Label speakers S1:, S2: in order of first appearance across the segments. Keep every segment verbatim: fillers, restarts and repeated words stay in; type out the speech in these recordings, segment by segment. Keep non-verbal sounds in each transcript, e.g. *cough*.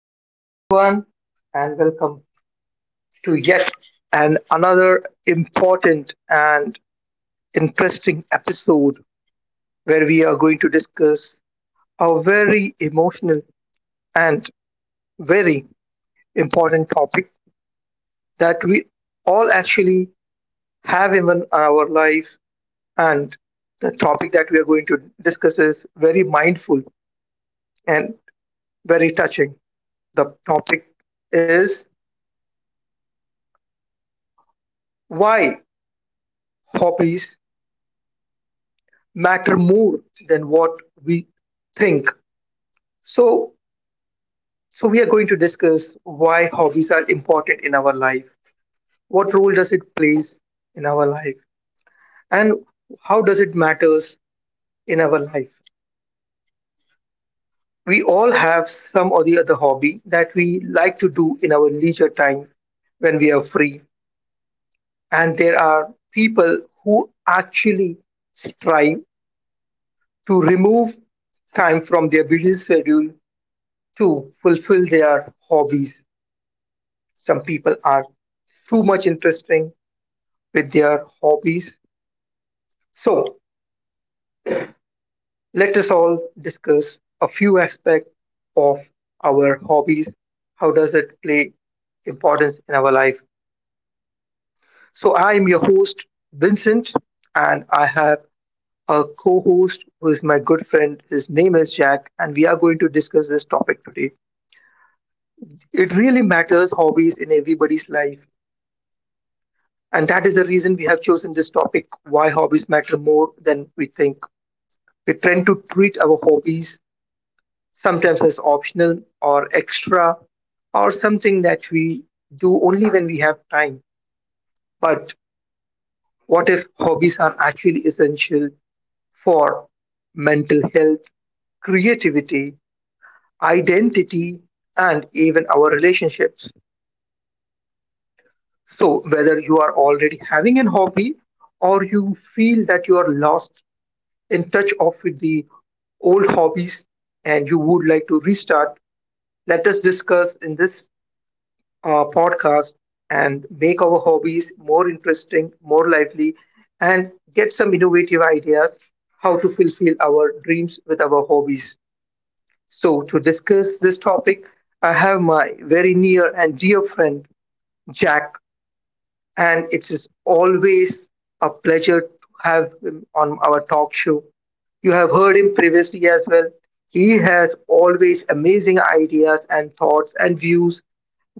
S1: Hello, everyone, and welcome to yet and another important and interesting episode where we are going to discuss a very emotional and very important topic that we all actually have even in our life. And the topic that we are going to discuss is very mindful and very touching. The topic is why hobbies matter more than what we think. So, so we are going to discuss why hobbies are important in our life. What role does it plays in our life, and how does it matters in our life? We all have some or the other hobby that we like to do in our leisure time when we are free, and there are people who actually strive to remove time from their busy schedule to fulfill their hobbies. Some people are too much interesting with their hobbies. So let us all discuss a few aspects of our hobbies. How does it play importance in our life? So I am your host, Vincent, and I have a co-host who is my good friend. His name is Jack, and we are going to discuss this topic today. It really matters hobbies in everybody's life. And that is the reason we have chosen this topic why hobbies matter more than we think. We tend to treat our hobbies sometimes as optional or extra or something that we do only when we have time. But what if hobbies are actually essential for mental health, creativity, identity, and even our relationships? So, whether you are already having an hobby or you feel that you are lost in touch of with the old hobbies and you would like to restart. Let us discuss in this uh, podcast and make our hobbies more interesting, more lively, and get some innovative ideas how to fulfill our dreams with our hobbies. So, to discuss this topic, I have my very near and dear friend, Jack, and it is always a pleasure to have him on our talk show. You have heard him previously as well. He has always amazing ideas and thoughts and views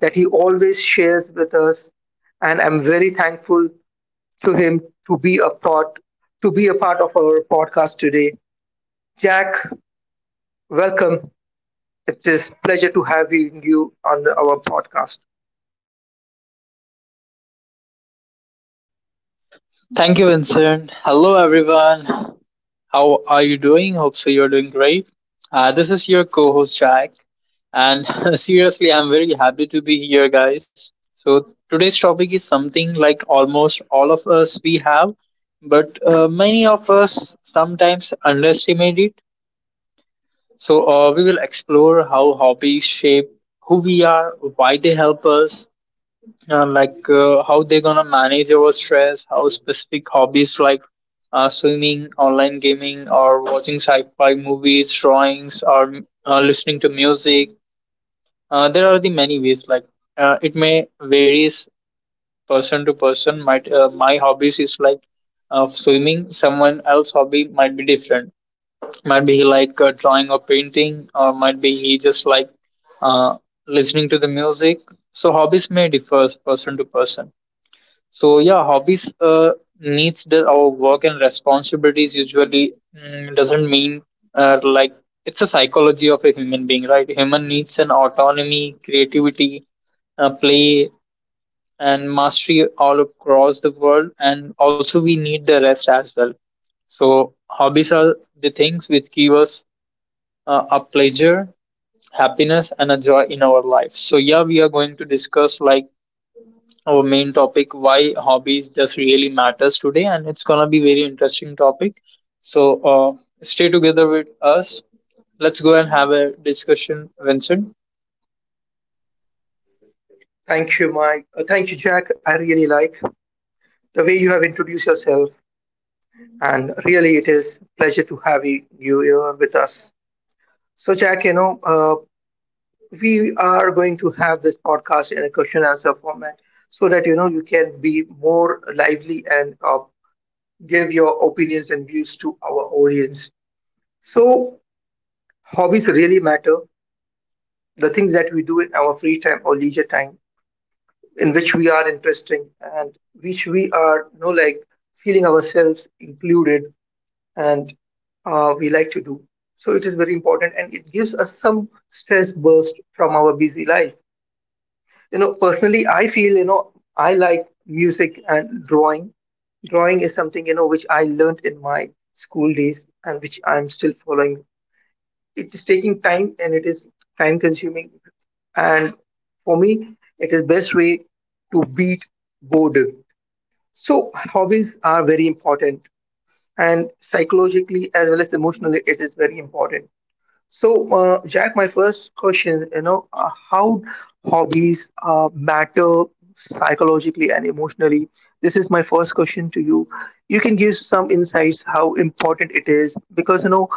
S1: that he always shares with us, and I'm very thankful to him to be a part to be a part of our podcast today. Jack, welcome. It is pleasure to having you on the- our podcast.
S2: Thank you, Vincent. Hello, everyone. How are you doing? Hope so you're doing great. Uh, this is your co host, Jack. And *laughs* seriously, I'm very happy to be here, guys. So today's topic is something like almost all of us we have, but uh, many of us sometimes underestimate it. So, uh, we will explore how hobbies shape who we are, why they help us, uh, like uh, how they're gonna manage over stress, how specific hobbies like uh, swimming, online gaming, or watching sci-fi movies, drawings, or uh, listening to music. Uh, there are the many ways. Like uh, it may varies person to person. Might uh, my hobbies is like uh, swimming. Someone else hobby might be different. Might be he like uh, drawing or painting, or might be he just like uh, listening to the music. So hobbies may differ person to person. So yeah, hobbies uh, needs the our work and responsibilities usually mm, doesn't mean uh, like it's a psychology of a human being, right? Human needs an autonomy, creativity, uh, play, and mastery all across the world, and also we need the rest as well. So hobbies are the things which give us uh, a pleasure, happiness, and a joy in our lives. So yeah, we are going to discuss like our main topic why hobbies just really matters today, and it's gonna be very interesting topic. So uh, stay together with us. Let's go and have a discussion, Vincent.
S1: Thank you, Mike. Uh, thank you, Jack. I really like the way you have introduced yourself. And really it is pleasure to have y- you here with us. So Jack, you know, uh, we are going to have this podcast in a question answer format, so that you know you can be more lively and, uh, give your opinions and views to our audience. So hobbies really matter, the things that we do in our free time or leisure time, in which we are interesting and which we are, you know, like feeling ourselves included, and uh, we like to do. So it is very important and it gives us some stress burst from our busy life. You know, personally, I feel, you know, I like music and drawing. Drawing is something, you know, which I learned in my school days and which I'm still following. It is taking time and it is time consuming. And for me, it is best way to beat boredom. So hobbies are very important and psychologically as well as emotionally it is very important. So uh, Jack, my first question, you know, uh, how hobbies uh, matter psychologically and emotionally, this is my first question to you. You can give some insights how important it is, because you know,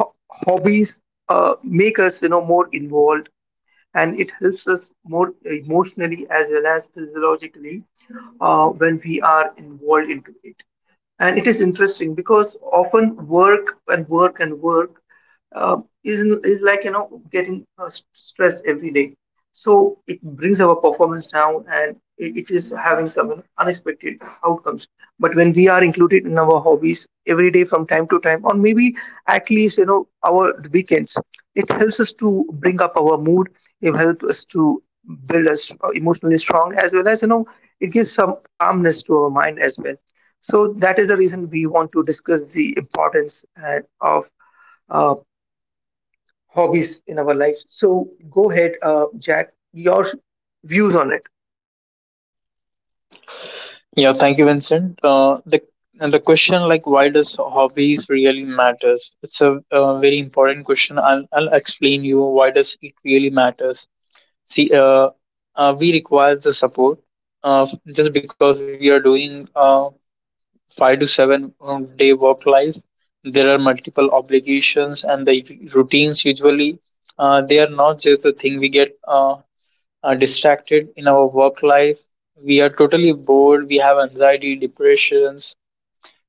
S1: ho- hobbies uh, make us, you know, more involved, and it helps us more emotionally as well as physiologically uh, when we are involved into it. And it is interesting because often work and work and work uh, is is like, you know, getting uh, s- stressed every day. So it brings our performance down and it, it is having some, you know, unexpected outcomes. But when we are included in our hobbies every day from time to time, or maybe at least, you know, our weekends, it helps us to bring up our mood, it helps us to build us uh, emotionally strong, as well as, you know, it gives some calmness to our mind as well. So that is the reason we want to discuss the importance uh, of uh, hobbies in our lives. So go ahead, uh, Jack, your views on it.
S2: Yeah, thank you, Vincent. Uh, the and the question like why does hobbies really matters, it's a, uh very important question. I'll, I'll explain you why does it really matters. See, uh, uh, we require the support uh, just because we are doing uh, five to seven um, day work life. There are multiple obligations and the routines. Usually, uh, they are not just a thing we get uh, uh, distracted in our work life. We are totally bored. We have anxiety, depressions.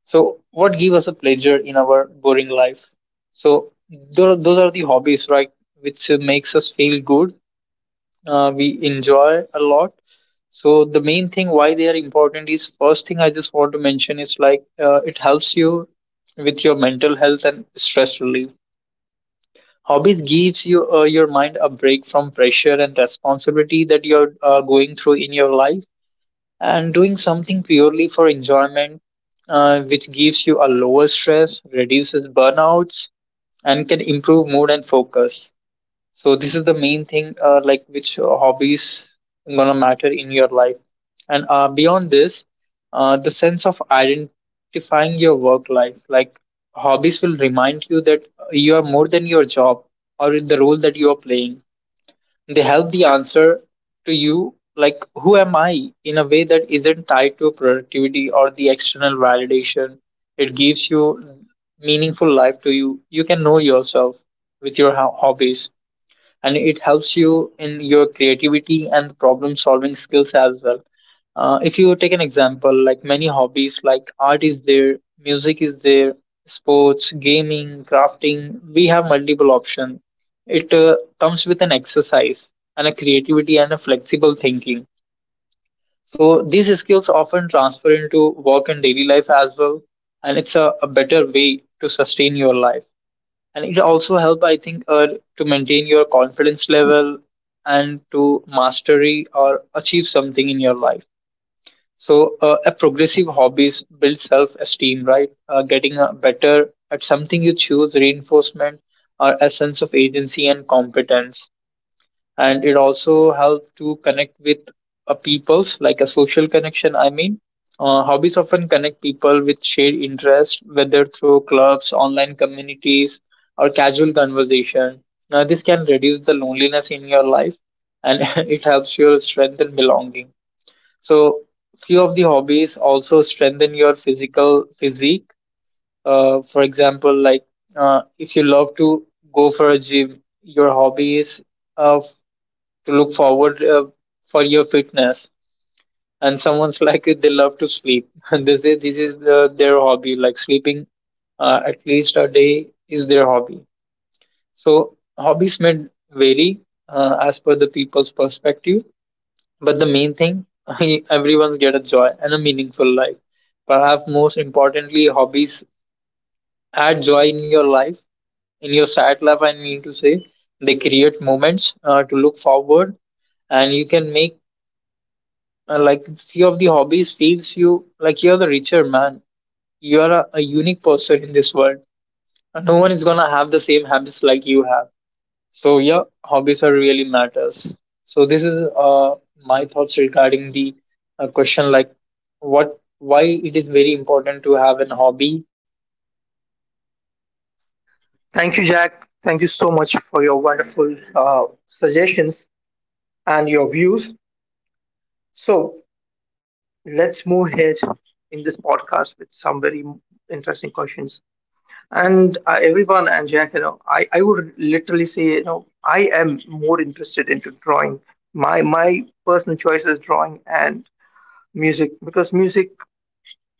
S2: So what give us a pleasure in our boring life? So those, those are the hobbies, right? Which uh, makes us feel good, uh, we enjoy a lot. So the main thing why they are important, is first thing I just want to mention is like uh, it helps you with your mental health and stress relief. Hobbies gives you uh, your mind a break from pressure and responsibility that you're uh, going through in your life, and doing something purely for enjoyment, uh, which gives you a lower stress, reduces burnouts, and can improve mood and focus. So this is the main thing, uh, like which uh, hobbies gonna matter in your life. And uh, beyond this, uh, the sense of identifying your work life, like hobbies will remind you that you are more than your job or in the role that you are playing. They help the answer to you, like who am I, in a way that isn't tied to productivity or the external validation. It gives you meaningful life to you. You can know yourself with your ho- hobbies, and it helps you in your creativity and problem solving skills as well. Uh, if you take an example, like many hobbies, like art is there, music is there, sports, gaming, crafting, we have multiple options. It uh, comes with an exercise and a creativity and a flexible thinking. So these skills often transfer into work and daily life as well, and it's a, a better way to sustain your life, and it also help I think uh, to maintain your confidence level and to mastery or achieve something in your life. So uh, a progressive hobbies build self esteem, right? Uh, getting uh, better at something you choose reinforcement or a sense of agency and competence, and it also helps to connect with uh, peoples like a social connection. I mean, uh, hobbies often connect people with shared interests whether through clubs, online communities, or casual conversation. Now this can reduce the loneliness in your life, and *laughs* it helps you strengthen belonging. So few of the hobbies also strengthen your physical physique. Uh, for example, like uh, if you love to go for a gym, your hobby is uh, to look forward uh, for your fitness. And someone's *laughs* like they love to sleep *laughs* and they say this is uh, their hobby, like sleeping uh, at least a day is their hobby. So hobbies may vary uh, as per the people's perspective, but the main thing, *laughs* everyone's get a joy and a meaningful life. Perhaps most importantly, hobbies add joy in your life, in your sad life, I mean to say. They create moments uh, to look forward, and you can make— Uh, like few of the hobbies feels you like you're the richer man. You're a, a unique person in this world. And no one is gonna have the same habits like you have. So yeah, hobbies are really matters. So this is uh my thoughts regarding the uh, question like what why it is very important to have an hobby.
S1: Thank you, Jack. Thank you so much for your wonderful uh, suggestions and your views. So let's move ahead in this podcast with some very interesting questions. And uh, everyone and Jack, you know, I, I would literally say, you know, I am more interested into drawing. My my personal choice is drawing, and music, because music,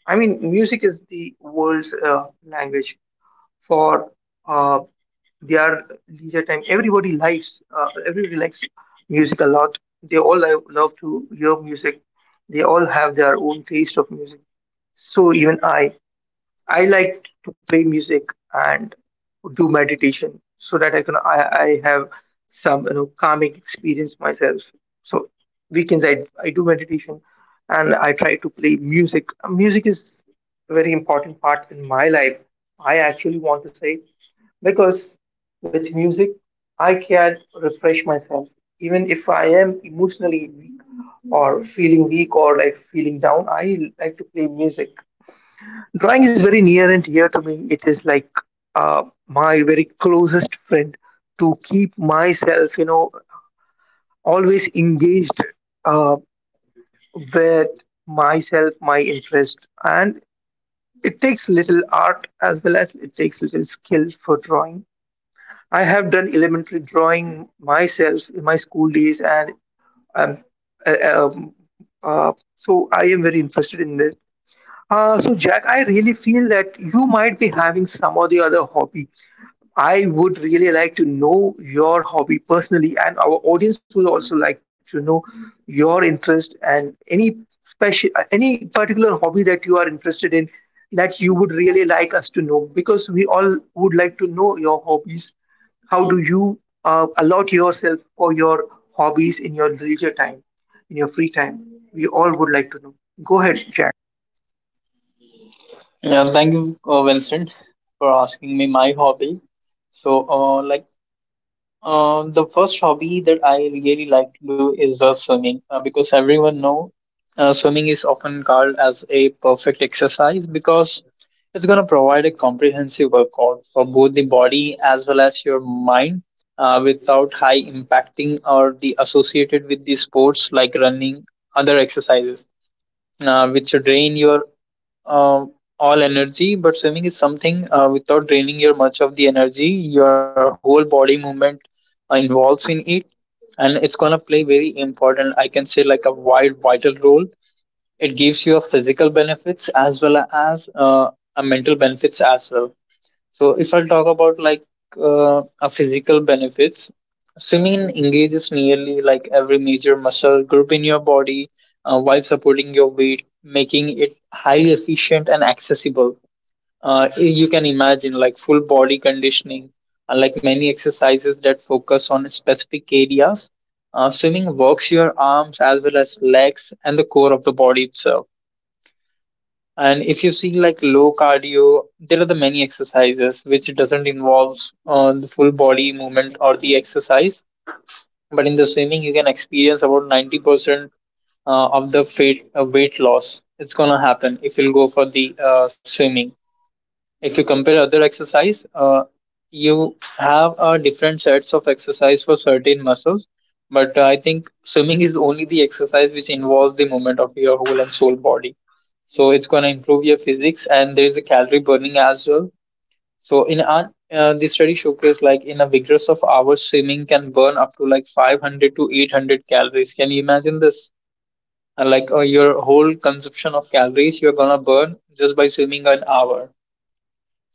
S1: I mean music is the world's uh, language for uh, their leisure time. Everybody likes, uh, everybody likes music a lot. They all lo- love to hear music. They all have their own taste of music. So even i I like to play music and do meditation so that I can, I, I have some, you know, calming experience myself. So weekends I I do meditation and I try to play music. Music is a very important part in my life. I actually want to say because with music I can refresh myself even if I am emotionally weak or feeling weak or like feeling down. I like to play music. Drawing is very near and dear to me. It is like uh, my very closest friend to keep myself, you know, always engaged uh, with myself, my interest. And it takes little art as well as it takes little skill for drawing. I have done elementary drawing myself in my school days, and um, uh, um, uh, so I am very interested in this. Uh, so, Jack, I really feel that you might be having some or the other hobby. I would really like to know your hobby personally, and our audience would also like to know your interest and any special, uh, any particular hobby that you are interested in, that you would really like us to know, because we all would like to know your hobbies. How do you uh, allot yourself for your hobbies in your leisure time, in your free time? We all would like to know. Go ahead, Jack.
S2: Yeah, thank you, uh, Vincent, for asking me my hobby. So uh, like. Um, the first hobby that I really like to do is uh, swimming, uh, because everyone know uh, swimming is often called as a perfect exercise because it's going to provide a comprehensive workout for both the body as well as your mind, uh, without high impacting or the associated with the sports like running, other exercises uh, which drain your uh, all energy, but swimming is something uh, without draining your much of the energy. Your whole body movement uh, involves in it, and it's gonna play very important. I can say like a wide vital role. It gives you a physical benefits as well as uh, a mental benefits as well. So if I'll talk about like uh, a physical benefits, swimming engages nearly like every major muscle group in your body uh, while supporting your weight, making it highly efficient and accessible. Uh, you can imagine like full body conditioning, unlike many exercises that focus on specific areas. Uh, swimming works your arms as well as legs and the core of the body itself. And if you see like low cardio, there are the many exercises which doesn't involve uh, the full body movement or the exercise. But in the swimming, you can experience about ninety percent uh, of the fate, uh, weight loss. It's gonna happen if you'll go for the uh, swimming. If you compare other exercise, uh, you have uh, different sets of exercise for certain muscles, but I think swimming is only the exercise which involves the movement of your whole and soul body. So it's going to improve your physics, and there is a calorie burning as well. So in our, uh, the study showcased like in a vigorous of hours, swimming can burn up to like five hundred to eight hundred calories. Can you imagine this? And like uh, your whole consumption of calories you're gonna burn just by swimming an hour.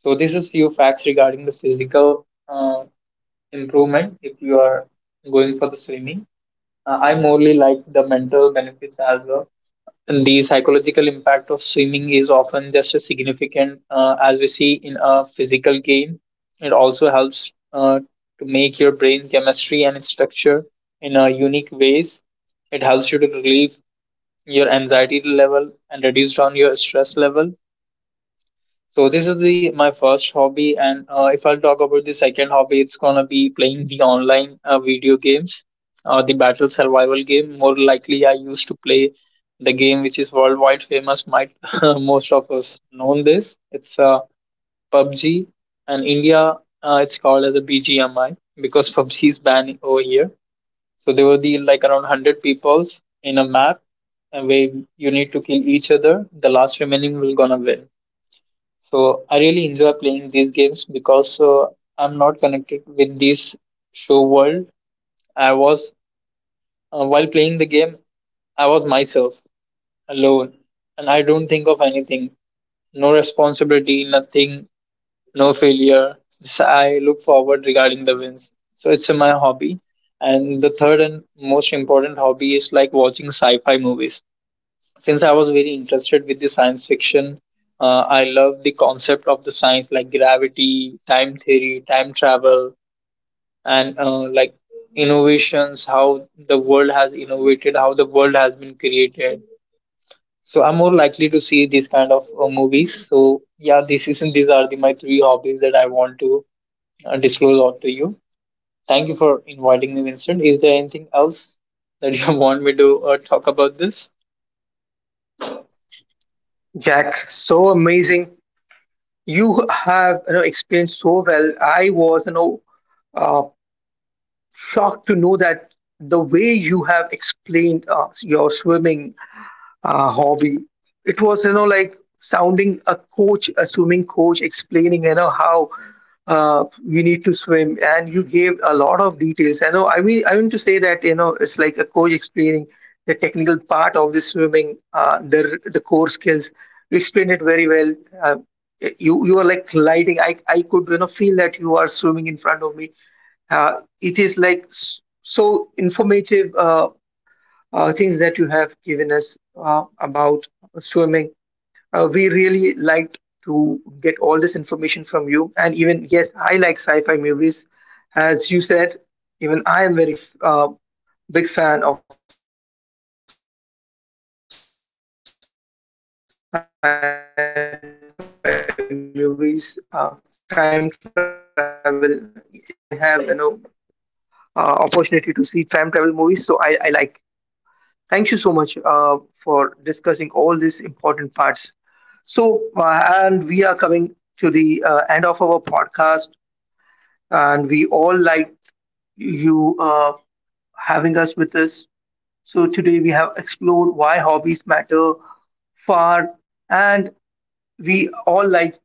S2: So this is few facts regarding the physical uh, improvement if you are going for the swimming. Uh, I morely like the mental benefits as well. And the psychological impact of swimming is often just as significant uh, as we see in a physical gain. It also helps uh, to make your brain chemistry and its structure in a unique ways. It helps you to relieve your anxiety level and reduce down your stress level. So this is the my first hobby. And uh, if I'll talk about the second hobby, it's gonna be playing the online uh, video games, uh, the battle survival game. More likely, I used to play the game which is worldwide famous. Might *laughs* most of us known this. It's uh, P U B G, and India uh, it's called as a B G M I because P U B G is banned over here. So there were the like around hundred peoples in a map, and where you need to kill each other. The last remaining will gonna win. So I really enjoy playing these games because uh, I'm not connected with this show world. I was uh, while playing the game, I was myself alone, and I don't think of anything. No responsibility, nothing, no failure. Just I look forward regarding the wins. So it's uh, my hobby. And the third and most important hobby is like watching sci-fi movies. Since I was very interested with the science fiction, uh, I love the concept of the science like gravity, time theory, time travel, and uh, like innovations, how the world has innovated, how the world has been created. So I'm more likely to see these kind of uh, movies. So yeah, this is these are the, my three hobbies that I want to uh, disclose out to you. Thank you for inviting me, Vincent. Is there anything else that you *laughs* want me to uh, talk about this?
S1: Jack, so amazing. You have, you know, explained so well. I was, you know, uh, shocked to know that the way you have explained uh, your swimming uh, hobby. It was, you know, like sounding a coach, a swimming coach, explaining, you know, how uh, you need to swim. And you gave a lot of details. I know, I mean, I mean to say that, you know, it's like a coach explaining the technical part of the swimming, uh, the, the core skills. You explained it very well. Uh, you you are like lighting. I, I could, you know, feel that you are swimming in front of me. Uh, it is like s- so informative. Uh, uh, things that you have given us uh, about swimming. Uh, we really liked to get all this information from you. And even, yes, I like sci fi movies. As you said, even I am very uh, big fan of sci fi movies, uh, time travel. That is really an interesting topic that you uh, included. Uh, even I like the time travel uh, movies. Wherever I have, you know, uh, opportunity to see time travel movies, so I, I like. Thank you so much uh, for discussing all these important parts. So, uh, and we are coming to the uh, end of our podcast, and we all like you uh, having us with us. So, today we have explored why hobbies matter far, and we all like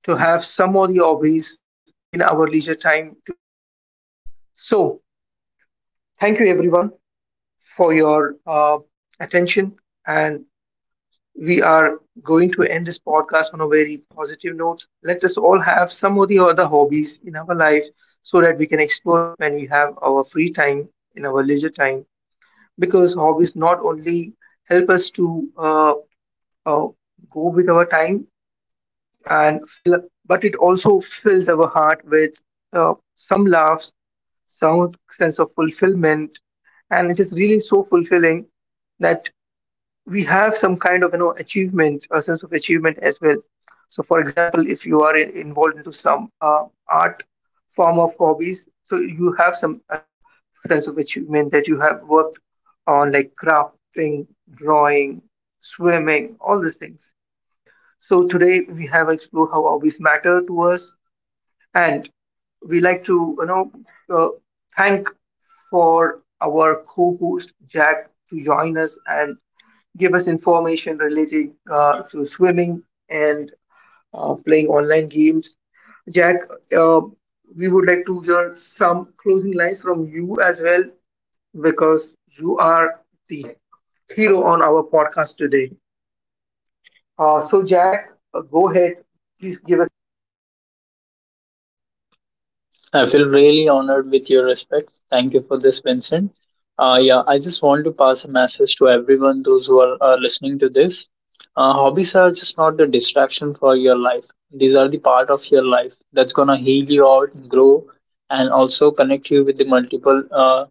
S1: to have some of the hobbies in our leisure time to explore. So, thank you everyone for your uh, attention, and we are going to end this podcast on a very positive note. Let us all have some of the other hobbies in our life so that we can explore it when we have our free time, in our leisure time, because hobbies not only help us to uh, uh, go with our time and fill, but it also fills our heart with uh, some laughs, some sense of fulfillment. And it is really so fulfilling that we have some kind of, you know, achievement, a sense of achievement as well. So for example, if you are in- involved into some uh, art form of hobbies, so you have some uh, sense of achievement that you have worked on, like crafting, drawing, swimming, all these things. So today we have explored how hobbies matter to us, and we like to, you know, uh, thank for our co-host Jack to join us and give us information related uh, to swimming and uh, playing online games. Jack, uh, we would like to hear some closing lines from you as well, because you are the hero on our podcast today. Uh, so, Jack, uh, go ahead. Please give us.
S2: I feel really honored with your respect. Thank you for this, Vincent. Uh, yeah, I just want to pass a message to everyone, those who are uh, listening to this. Uh, hobbies are just not the distraction for your life. These are the part of your life that's gonna heal you out, grow, and also connect you with the multiple uh,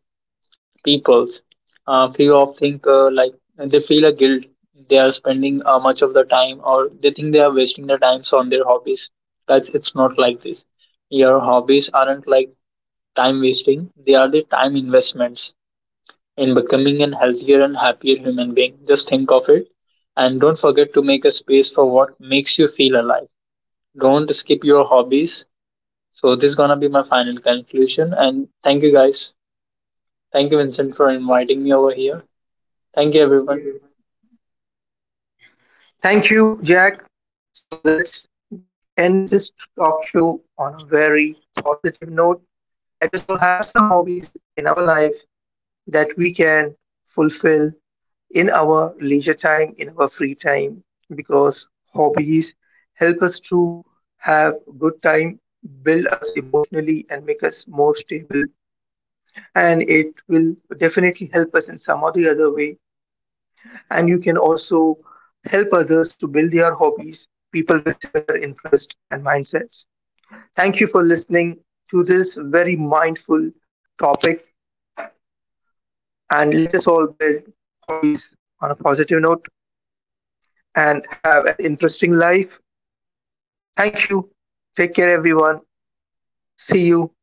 S2: peoples. Uh, few of think uh, like they feel a guilt. They are spending uh, much of the time, or they think they are wasting their times on their hobbies. That's it's not like this. Your hobbies aren't like time wasting, they are the time investments in becoming a healthier and happier human being. Just think of it. And don't forget to make a space for what makes you feel alive. Don't skip your hobbies. So this is gonna be my final conclusion. And thank you guys. Thank you, Vincent, for inviting me over here. Thank you, everyone.
S1: Thank you, Jack. So, let's end this talk show on a very positive note. Let us all have some hobbies in our life that we can fulfill in our leisure time, in our free time, because hobbies help us to have good time, build us emotionally, and make us more stable. And it will definitely help us in some or the other way. And you can also help others to build their hobbies, people with similar interests and mindsets. Thank you for listening to this very mindful topic. And let us all build hobbies on a positive note, and have an interesting life. Thank you. Take care, everyone. See you.